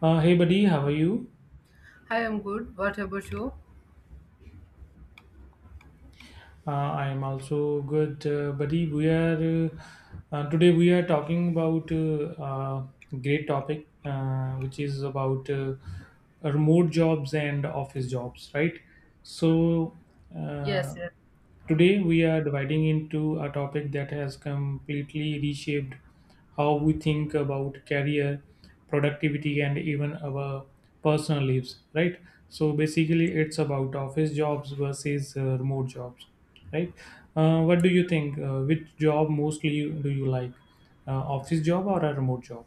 Hey buddy, how are you? Hi, I'm good. What about you? I am also good, buddy. We are today we are talking about great topic, which is about remote jobs and office jobs, right? So uh, Yes, yes. today we are dividing into a topic that has completely reshaped how we think about career, productivity, and even our personal lives, right? So basically, it's about office jobs versus remote jobs, right? What do you think, which job mostly do you like, office job or a remote job?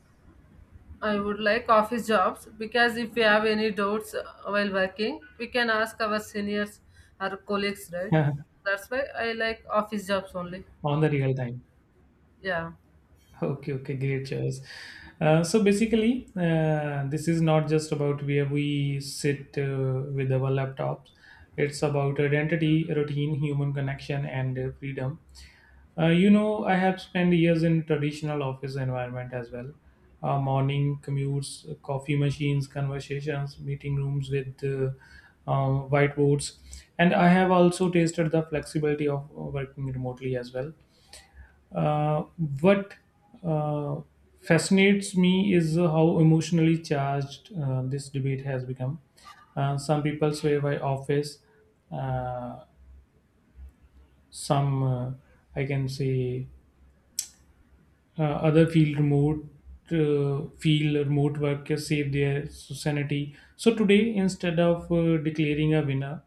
I would like office jobs because if we have any doubts while working, we can ask our seniors or colleagues, right? That's why I like office jobs only. On the real time. Yeah, Okay, okay, great choice. So basically, this is not just about where we sit with our laptops. It's about identity, routine, human connection, and freedom. You know, I have spent years in traditional office environment as well. Morning commutes, coffee machines, conversations, meeting rooms with whiteboards, and I have also tasted the flexibility of working remotely as well. Uh, what uh, fascinates me is how emotionally charged this debate has become. Some people swear by office, uh, some, uh, I can say, other feel remote. Feel remote workers save their sanity. So today, instead of declaring a winner,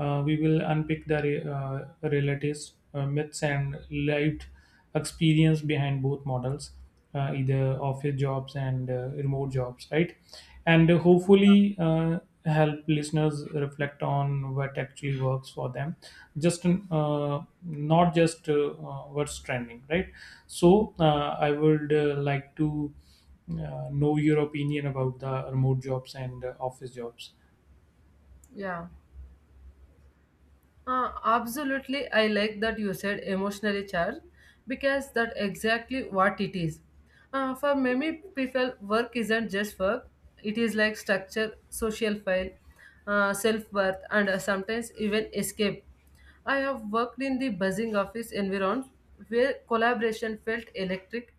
we will unpick the relatives, myths, and lived experience behind both models, either office jobs and remote jobs, right? And hopefully help listeners reflect on what actually works for them, just not just what's trending, right? So I would like to know your opinion about the remote jobs and office jobs. yeah. Absolutely, I like that you said emotionally charged because that's exactly what it is. For many people, work isn't just work, it is like structure, social file, self worth, and sometimes even escape. I have worked in the buzzing office environment where collaboration felt electric,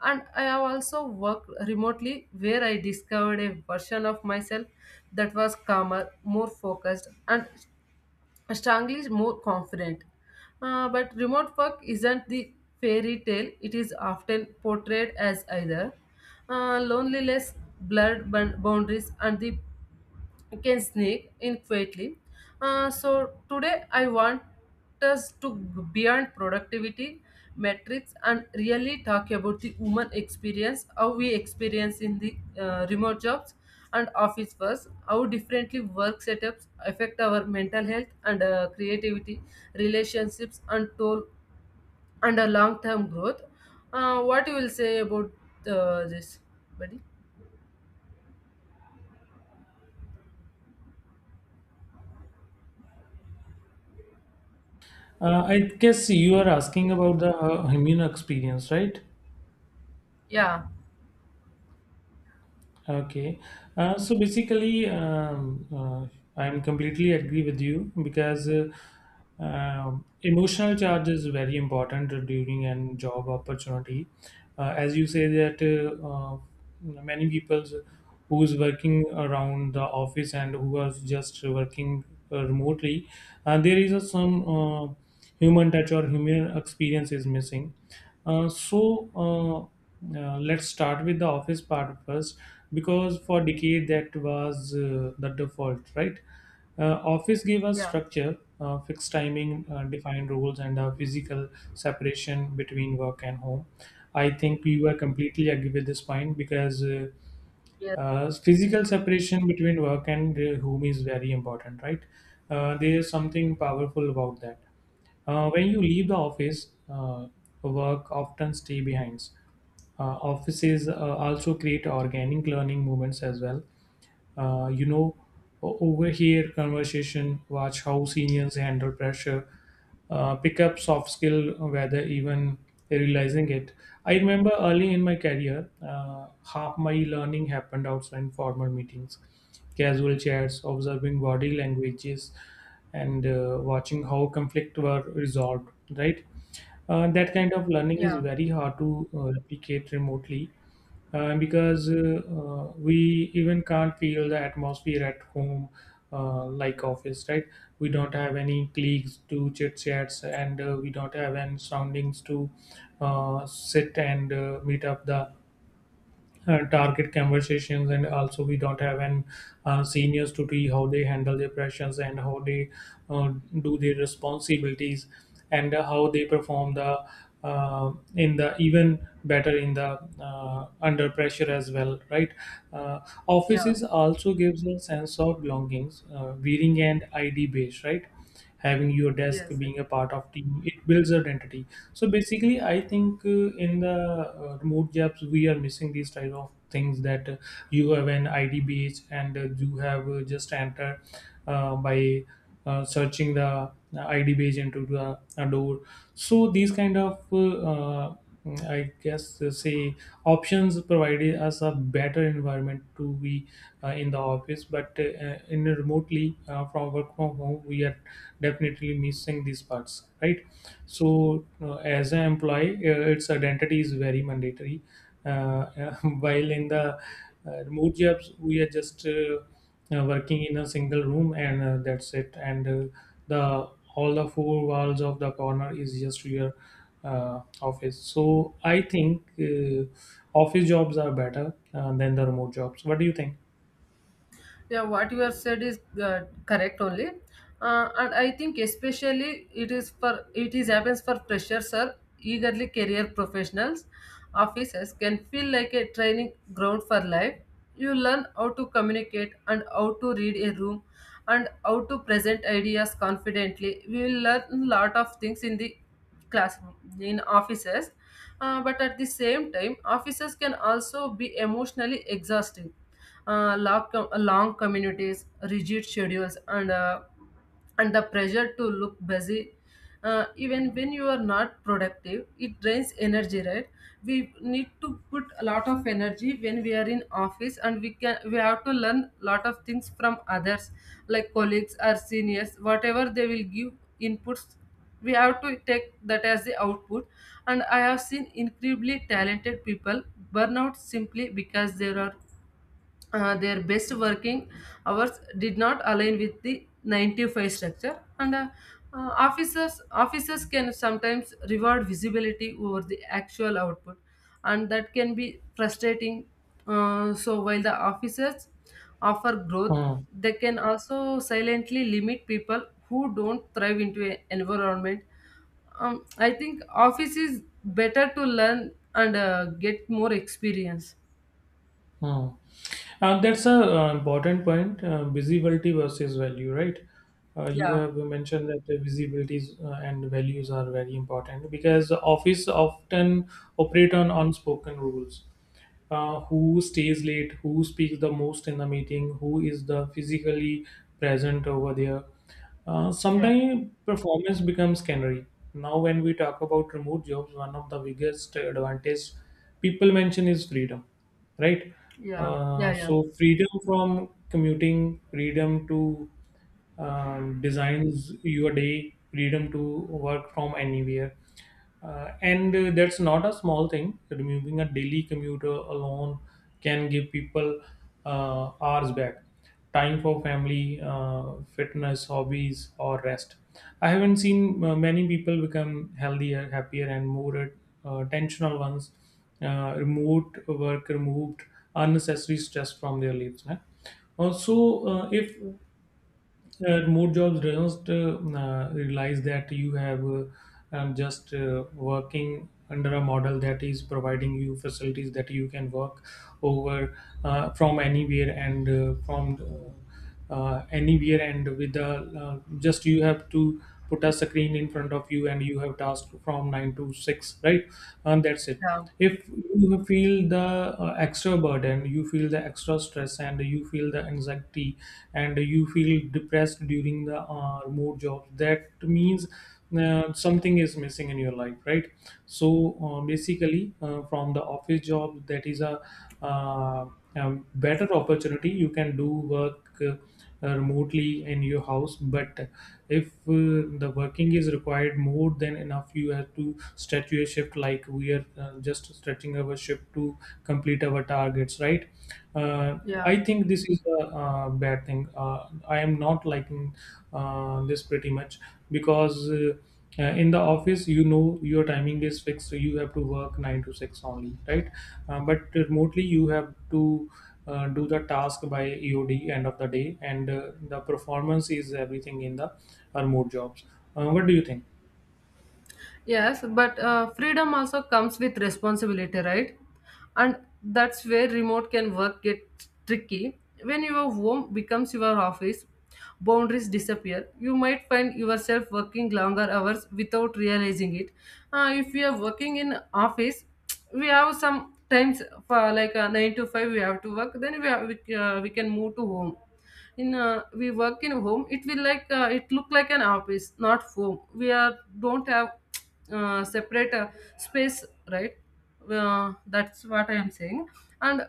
and I have also worked remotely where I discovered a version of myself that was calmer, more focused, and strongly more confident. But remote work isn't the fairy tale it is often portrayed as either. Loneliness, blurred boundaries, and the can sneak in quietly. So today I want us to go beyond productivity metrics and really talk about the human experience, how we experience in the remote jobs and office first, how differently work setups affect our mental health and creativity, relationships and toll and a long-term growth. What you will say about this, buddy? I guess you are asking about the immune experience, right? Yeah, Okay. So basically, I'm completely agree with you because emotional charge is very important during an job opportunity. As you say that uh, many people who is working around the office and who are just working remotely, there is a some human touch or human experience is missing. So let's start with the office part first, because for decade that was the default, right? Office gave us yeah, structure, fixed timing, defined rules, and a physical separation between work and home. I think you are completely agree with this point, because yeah, physical separation between work and home is very important, right? There is something powerful about that. When you leave the office, work often stay behind. Offices also create organic learning moments as well. You know, overhear conversation, watch how seniors handle pressure, pick up soft skill whether even realizing it. I remember early in my career, half my learning happened outside formal meetings, casual chats, observing body languages, and watching how conflict were resolved. Right, that kind of learning is yeah, very hard to replicate remotely. And because we even can't feel the atmosphere at home like office, right? We don't have any colleagues to chit chats, and we don't have any surroundings to sit and meet up the target conversations, and also we don't have an seniors to see how they handle their pressures and how they uh, do their responsibilities and how they perform the in the even better in the under pressure as well, right? uh, yeah, Offices also gives a sense of belongings, wearing and ID base, right? Having your desk, yes. being a part of team, it builds identity. So basically, I think in the remote jobs we are missing these type of things, that you have an ID badge and you have just enter by searching the ID badge into the a door. So these kind of I guess say options provided us a better environment to be in the office, but in a remotely from work from home, we are definitely missing these parts, right? So as an employee, its identity is very mandatory. Uh, while in the remote jobs, we are just working in a single room, and that's it, and the all the four walls of the corner is just your office. So I think office jobs are better than the remote jobs. What do you think? Yeah, what you have said is correct only, and I think especially it is for it is happens for freshers or eagerly career professionals. Offices can feel like a training ground for life. You learn how to communicate and how to read a room and how to present ideas confidently. We will learn a lot of things in the classroom in offices. But at the same time offices can also be emotionally exhausting, long communities, rigid schedules, and the pressure to look busy, even when you are not productive, it drains energy, right? We need to put a lot of energy when we are in office, and we have to learn lot of things from others, like colleagues or seniors, whatever they will give inputs, we have to take that as the output. And I have seen incredibly talented people burn out simply because there are, their best working hours did not align with the 9-5 structure, and officers can sometimes reward visibility over the actual output, and that can be frustrating. Uh, so while the officers offer growth, Hmm, they can also silently limit people who don't thrive into an environment. I think office is better to learn and get more experience. hmm. That's a important point. Visibility versus value, right? You Yeah, have mentioned that the visibilities and values are very important, because the office often operate on unspoken rules. Who stays late, who speaks the most in the meeting, who is the physically present over there. Yeah, Sometimes performance becomes canary. Now, when we talk about remote jobs, one of the biggest advantage people mention is freedom, right? yeah, yeah, yeah, So, freedom from commuting, freedom to designs your day, freedom to work from anywhere. And that's not a small thing. Removing a daily commuter alone can give people hours back, time for family, fitness, hobbies, or rest. I haven't seen many people become healthier, happier, and more attentional ones. Remote work removed unnecessary stress from their lives. Huh? Also, if more jobs do not realize that you have just working under a model that is providing you facilities that you can work over from anywhere and from anywhere, and with the just you have to put a screen in front of you, and you have task from 9 to 6, right? And that's it. yeah, If you feel the extra burden, you feel the extra stress, and you feel the anxiety, and you feel depressed during the remote jobs, that means something is missing in your life, right? So basically, from the office job, that is uh, a better opportunity. You can do work remotely in your house, but if the working is required more than enough, you have to stretch your shift, like we are just stretching our shift to complete our targets, right? Yeah. I think this is a bad thing. I am not liking this pretty much, because in the office you know your timing is fixed, so you have to work 9 to 6 only, right? But remotely you have to do the task by EOD, end of the day, and the performance is everything in the remote jobs. What do you think? Yes, but freedom also comes with responsibility, right? And that's where remote can work gets tricky. When your home becomes your office, boundaries disappear. You might find yourself working longer hours without realizing it. If you are working in office, we have some times for like 9-5 we have to work. Then we can move to home. In we work in home, it will like it look like an office not home, we are don't have separate space, right? That's what I am saying. And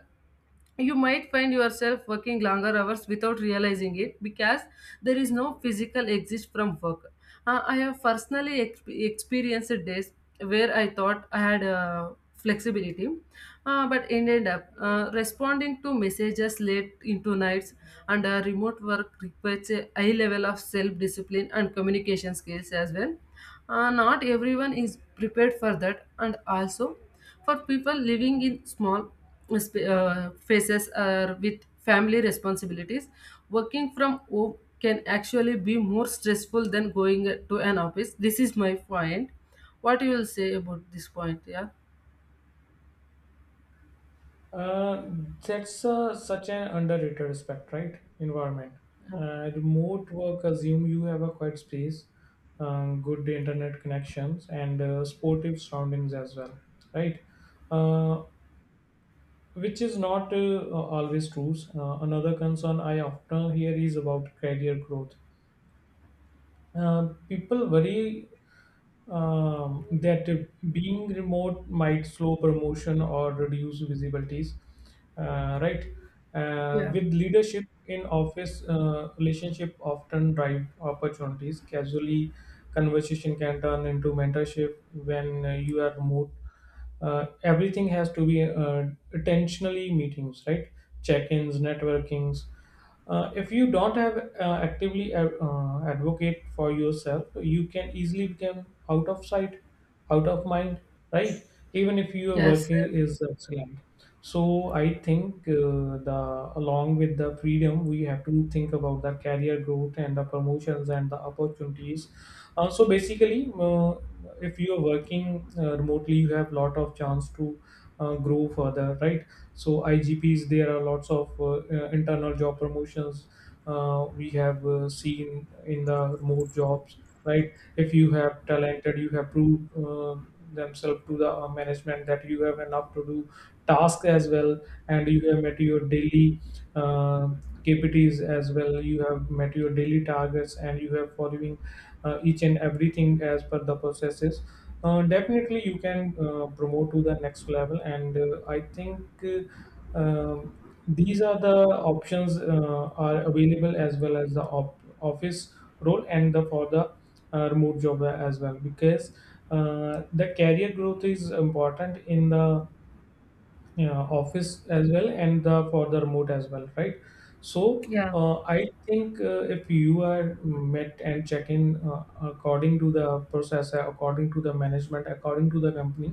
you might find yourself working longer hours without realizing it, because there is no physical exit from work. I have personally experienced days where I thought I had flexibility, but ended up responding to messages late into nights, and remote work requires a high level of self discipline and communication skills as well. Not everyone is prepared for that, and also for people living in small spaces or with family responsibilities, working from home can actually be more stressful than going to an office. This is my point. What you will say about this point? Yeah. Uh, that's such an underrated aspect, right? Environment. Remote work assume you have a quiet space, good internet connections, and sportive surroundings as well, right? Uh, which is not always true. Another concern I often hear is about career growth. People worry that being remote might slow promotion or reduce visibilities, right? Yeah. With leadership in office, relationship often drive opportunities. Casually, conversation can turn into mentorship. When you are remote, everything has to be intentionally meetings, right? Check-ins, networkings. If you don't have actively advocate for yourself, you can easily become out of sight, out of mind, right? Even if your work Yes. is excellent. So I think the along with the freedom, we have to think about the career growth and the promotions and the opportunities. So basically, if you are working remotely, you have lot of chance to grow further, right? So IGPs, there are lots of internal job promotions we have seen in the remote jobs, right? If you have talented, you have proved themselves to the management that you have enough to do task as well, and you have met your daily uh, kpts as well, you have met your daily targets, and you have following each and everything as per the processes, definitely you can promote to the next level, and I think uh, um, these are the options are available as well, as the office role, and the for the remote job as well, because the career growth is important in the yeah, office as well, and the for the remote as well, right? So Yeah. I think if you are met and check in according to the process, according to the management, according to the company,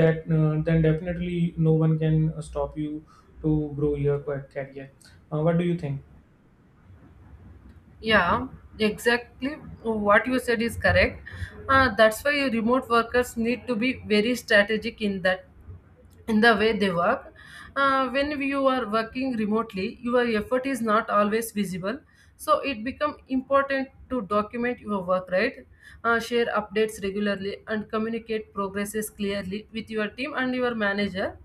that then definitely no one can stop you to grow your career. What do you think? Yeah, exactly. What you said is correct. That's why remote workers need to be very strategic in that, in the way they work. When you are working remotely, your effort is not always visible. So it becomes important to document your work, right? Share updates regularly and communicate progresses clearly with your team and your manager.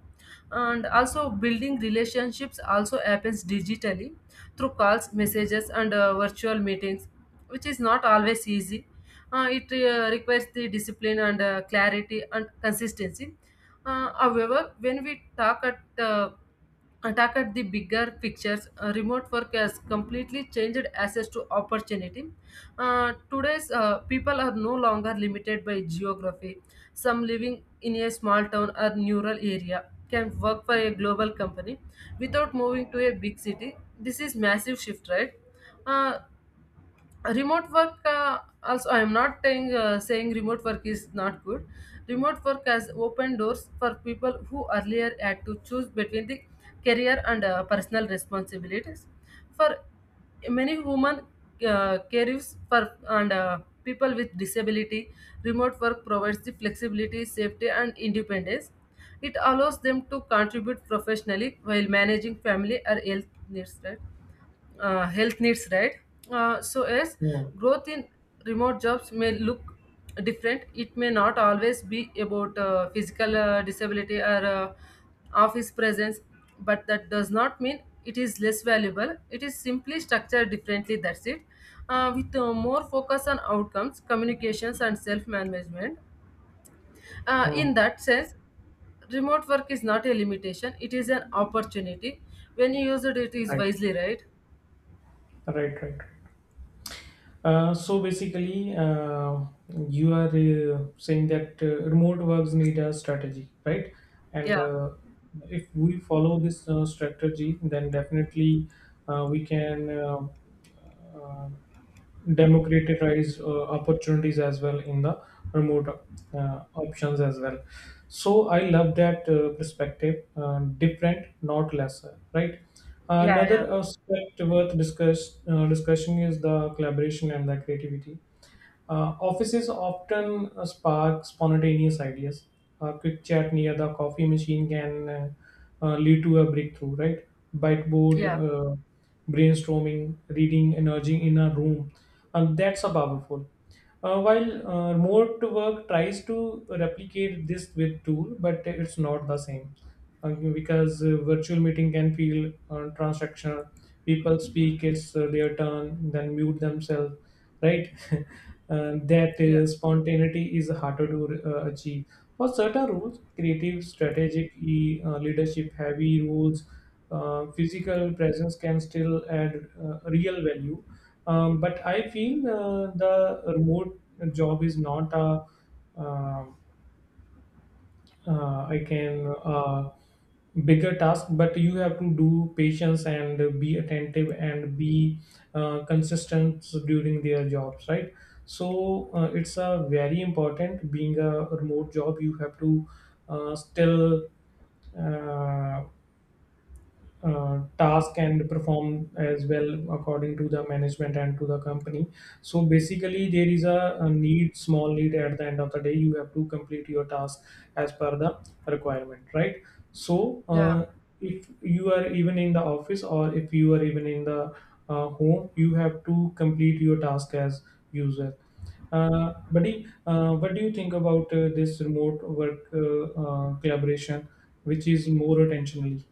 And also building relationships also happens digitally through calls, messages, and virtual meetings, which is not always easy. It requires the discipline and clarity and consistency. However, when we talk at attack at the bigger pictures, remote work has completely changed access to opportunity. Today's people are no longer limited by geography. Some living in a small town or rural area can work for a global company without moving to a big city. This is massive shift, right? Uh, Remote work, also I am not saying, saying remote work is not good. Remote work has opened doors for people who earlier had to choose between the career and personal responsibilities, for many women, careers for, and people with disability. Remote work provides the flexibility, safety, and independence. It allows them to contribute professionally while managing family or health needs, right? uh, health needs, right? So, as Hmm. growth in remote jobs may look different, it may not always be about physical disability or office presence, but that does not mean it is less valuable. It is simply structured differently, that's it. With more focus on outcomes, communications, and self management. Hmm. In that sense, remote work is not a limitation, it is an opportunity. When you use it, it is right wisely, right? right right Uh, So basically, you are saying that remote works need a strategy, right? And Yeah, If we follow this strategy, then definitely we can uh, democratize opportunities as well in the remote options as well. So I love that perspective, different not lesser, right? yeah, yeah. Another aspect worth discussing is the collaboration and the creativity. Offices often spark spontaneous ideas. A quick chat near the coffee machine can lead to a breakthrough, right? Whiteboard, Yeah, brainstorming, reading, emerging in a room. And that's a powerful. While remote work tries to replicate this with tool, but it's not the same because virtual meeting can feel transactional. People speak, it's their turn, then mute themselves, right? That yeah, spontaneity is harder to achieve. For certain roles, creative, strategic, leadership heavy roles, physical presence can still add real value. But I feel the remote job is not a uh, I can bigger task, but you have to do patience and be attentive and be consistent during their jobs, right? So it's a very important being a remote job. You have to still uh, task and perform as well according to the management and to the company. So basically there is a need, small need, at the end of the day you have to complete your task as per the requirement, right? So yeah, if you are even in the office or if you are even in the home, you have to complete your task as user. Buddy, what do you think about this remote work collaboration, which is more attentionally?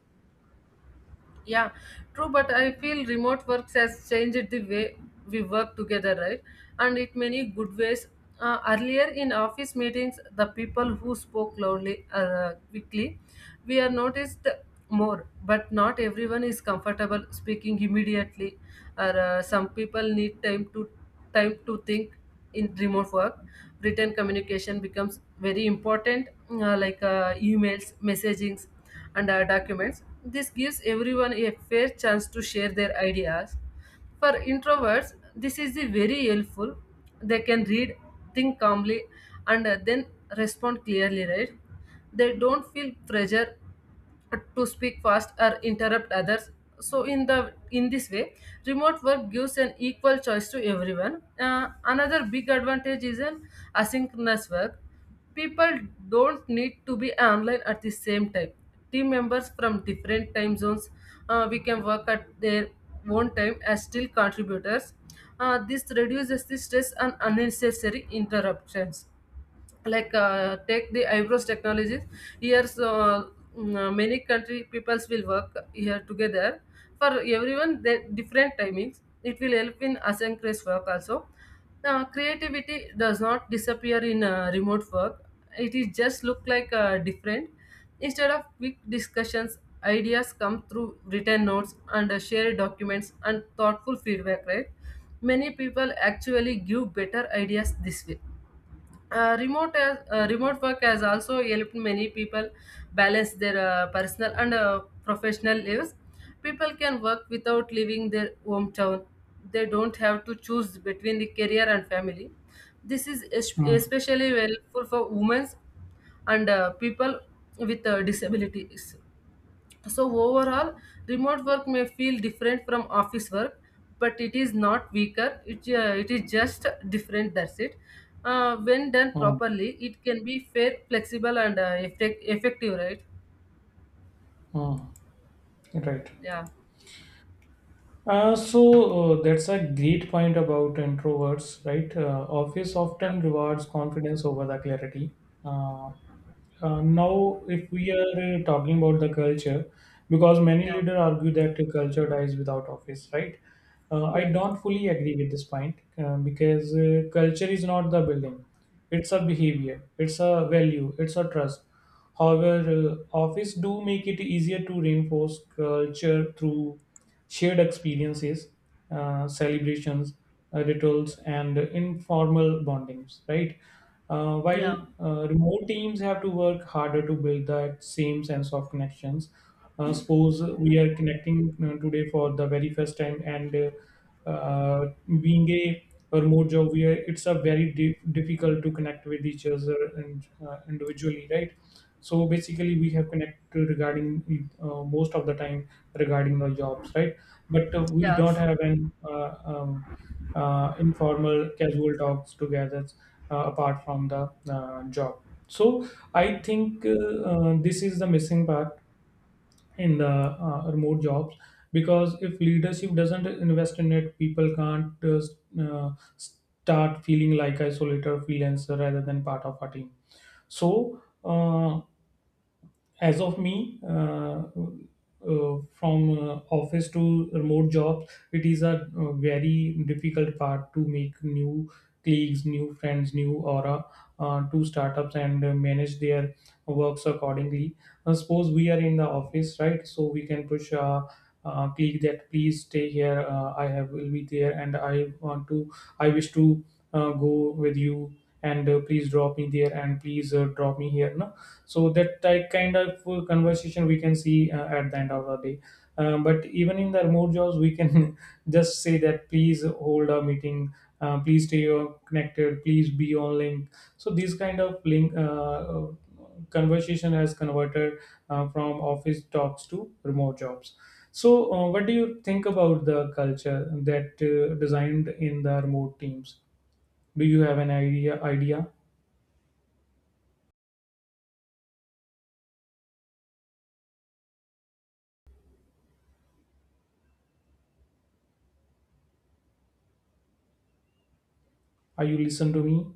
yeah. True, but I feel remote works has changed the way we work together, right? And it many good ways. Earlier in office meetings, the people who spoke loudly, quickly, we are noticed more. But not everyone is comfortable speaking immediately, or some people need time to think. In remote work, written communication becomes very important, like emails, messagings, and documents. This gives everyone a fair chance to share their ideas. For introverts, this is the very helpful. They can read, think calmly, and then respond clearly, right? They don't feel pressure to speak fast or interrupt others. So in this way, remote work gives an equal choice to everyone. Another big advantage is an asynchronous work. People don't need to be online at the same time. Team members from different time zones, we can work at their own time as still contributors. This reduces the stress and unnecessary interruptions, like take the eyebrows technologies here. So many country peoples will work here together. For everyone the different timings, it will help in asynchronous work also. Now creativity does not disappear in remote work, it is just look like different. Instead of quick discussions, ideas come through written notes and shared documents and thoughtful feedback, right? Many people actually give better ideas this way. Remote work has also helped many people balance their personal and professional lives. People can work without leaving their hometown. They don't have to choose between the career and family. This is es- Hmm. especially helpful for women and people with disabilities. So overall, remote work may feel different from office work, but it is not weaker. It is just different. That's it. When done Mm, properly, it can be fair, flexible, and effective. Right? mm, right. Yeah. So that's a great point about introverts, right? Office Yeah. often rewards confidence over the clarity. Uh, Now, if we are talking about the culture, because many Yeah. leaders argue that the culture dies without office, right? I Yeah. Yeah. don't fully agree with this point because culture is not the building; it's a behavior, it's a value, it's a trust. However, office do make it easier to reinforce culture through shared experiences, celebrations, rituals, and informal bondings. Right. While Yeah. Remote teams have to work harder to build that same sense of connections, suppose we are connecting today for the very first time, and being a remote job, we are, it's a very di- difficult to connect with each other and individually, right? So basically, we have connected regarding most of the time regarding our jobs, right? But we don't Yes. have an informal casual talks together apart from the job. So I think this is the missing part in the remote jobs, because if leadership doesn't invest in it people can't start feeling like isolator freelancer rather than part of a team. So as of me, from office to remote job, it is a very difficult part to make new colleagues, new friends, new aura, to startups and manage their works accordingly. Suppose we are in the office, right? So we can push click that please stay here, I have will be there and I want to, I wish to go with you, and please drop me there and please drop me here, no. So that type kind of conversation we can see at the end of the day. But even in the remote jobs we can just say that please hold a meeting, please stay connected, please be on link. So these kind of link conversation has converted from office talks to remote jobs. So what do you think about the culture that designed in the remote teams? Do you have an idea? Are you listen to me?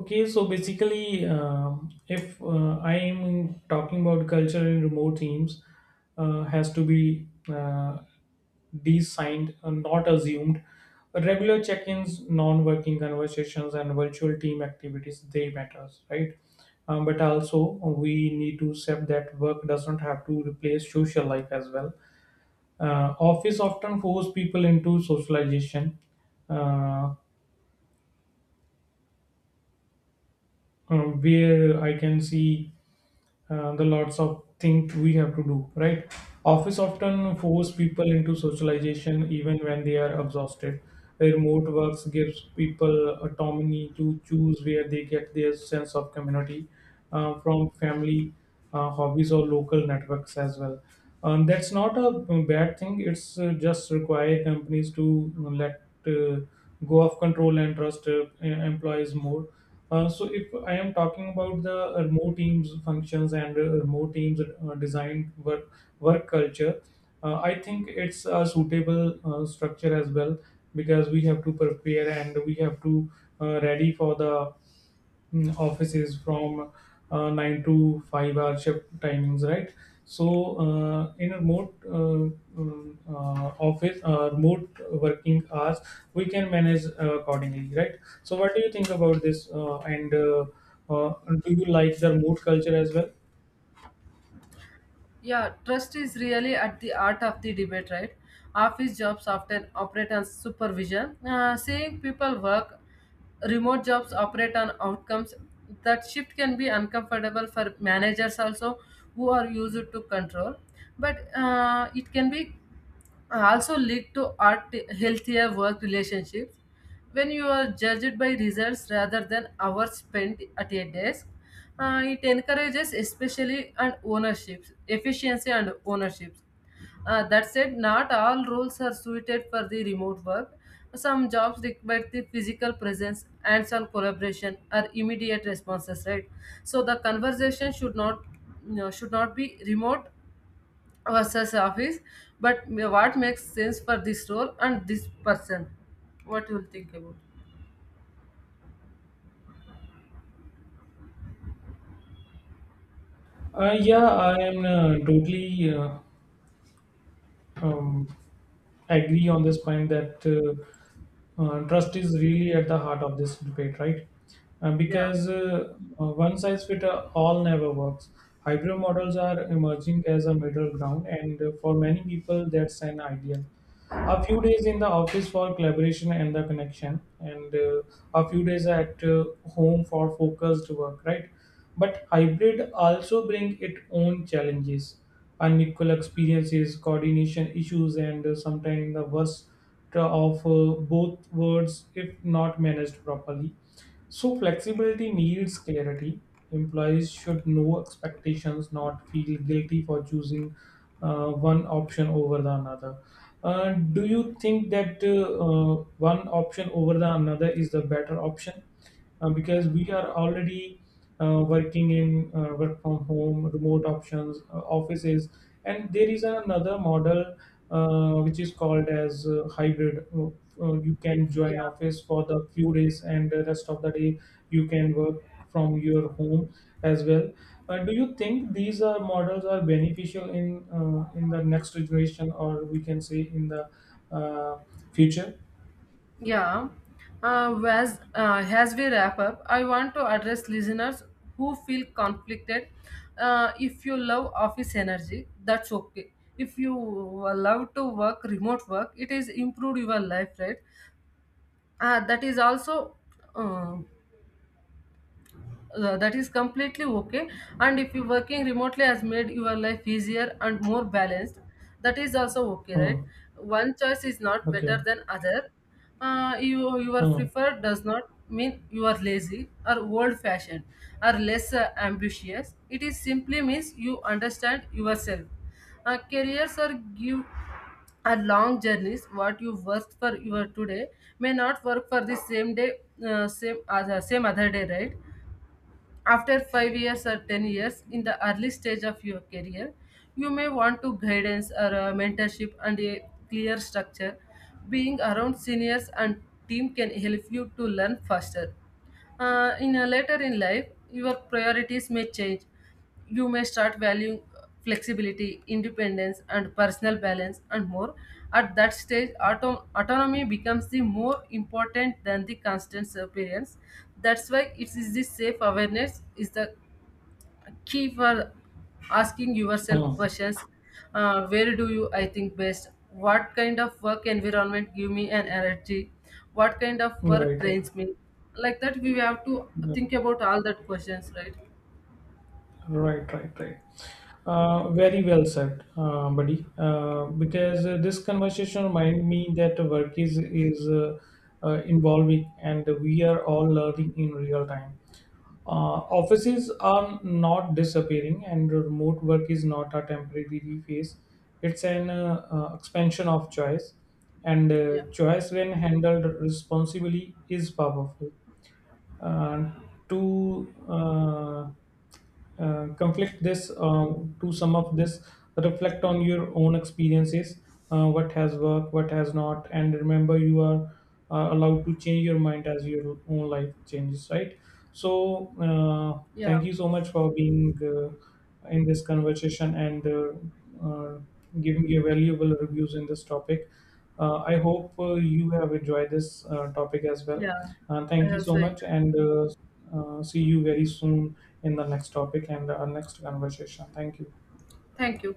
Okay, so basically, if I am talking about culture in remote teams, has to be uh, designed, not assumed. Regular check-ins, non-working conversations, and virtual team activities, they matters, right? But also, we need to accept that work doesn't have to replace social life as well. Office often force people into socialization, uh, where I can see the lots of things we have to do, right? Office often force people into socialization even when they are exhausted. Remote works gives people autonomy to choose where they get their sense of community, from family, hobbies or local networks as well. That's not a bad thing. It's just require companies to let go of control and trust employees more. So if I am talking about the remote teams functions and remote teams design work work culture, I think it's a suitable structure as well, because we have to prepare and we have to ready for the mm, offices from 9 to 5 hour shift timings, right? So in a remote office remote working hours we can manage accordingly, right? So what do you think about this, and uh, do you like the remote culture as well? Yeah, trust is really at the heart of the debate, right? Office jobs often operate on supervision, seeing people work. Remote jobs operate on outcomes. That shift can be uncomfortable for managers also, who are used to control, but it can be also lead to art healthier work relationships. When you are judged by results rather than hours spent at a desk, it encourages especially and ownerships, efficiency and ownership. That said, not all roles are suited for the remote work. Some jobs require the physical presence, hands-on collaboration, or immediate responses. Right. So the conversation should not, you know, should not be remote versus office, but what makes sense for this role and this person. What you will think about? Yeah, I am totally um, I agree on this point that trust is really at the heart of this debate, right? Yeah. Because one size fit all never works. Hybrid models are emerging as a middle ground, and for many people, that's an ideal. A few days in the office for collaboration and the connection, and a few days at home for focused work, right? But hybrid also bring its own challenges, unequal experiences, coordination issues, and sometimes the worst of both worlds if not managed properly. So flexibility needs clarity. Employees should know expectations, not feel guilty for choosing one option over the another. Do you think that one option over the another is the better option? Uh, because we are already working in work from home, remote options, offices, and there is another model which is called as hybrid. You can join Yeah. office for the few days, and the rest of the day you can work from your home as well. Do you think these are models are beneficial in the next generation, or we can say in the uh, future? Yeah. As we wrap up, I want to address listeners who feel conflicted. If you love office energy, that's okay. If you love to work remote work, it is improve your life, right? Uh, that is also uh, that is completely okay. And if you working remotely has made your life easier and more balanced, that is also okay, right? Hmm. One choice is not better Okay. than other. You your Hmm. preferred does not mean you are lazy or old fashioned or less ambitious, it is simply means you understand yourself. Careers are give are long journeys. What you worked for your today may not work for the same day, same other day, right? After 5 years or 10 years in the early stage of your career, you may want to guidance or a mentorship and a clear structure. Being around seniors and team can help you to learn faster. In a later in life, your priorities may change. You may start valuing flexibility, independence, and personal balance, and more. At that stage, autonomy becomes the more important than the constant appearance. That's why it is the safe awareness is the key for asking yourself Hmm. questions. Where do you I think best? What kind of work environment give me an energy? What kind of Right. work Right. drains me? Like that we have to Right, think about all that questions, right? right, right. Very well said, buddy. Because this conversation remind me that work is involving, and we are all learning in real time. Offices are not disappearing, and remote work is not a temporary phase. It's an expansion of choice, and Yeah, choice, when handled responsibly, is powerful. uh, to uh, uh, conflict this uh, to sum up this, reflect on your own experiences, what has worked, what has not, and remember you are allowed to change your mind as your own life changes, right? So yeah, thank you so much for being in this conversation, and giving your valuable reviews in this topic. I hope you have enjoyed this topic as well. yeah. Thank I you so also much, enjoyed. and see you very soon in the next topic and our next conversation. Thank you. Thank you.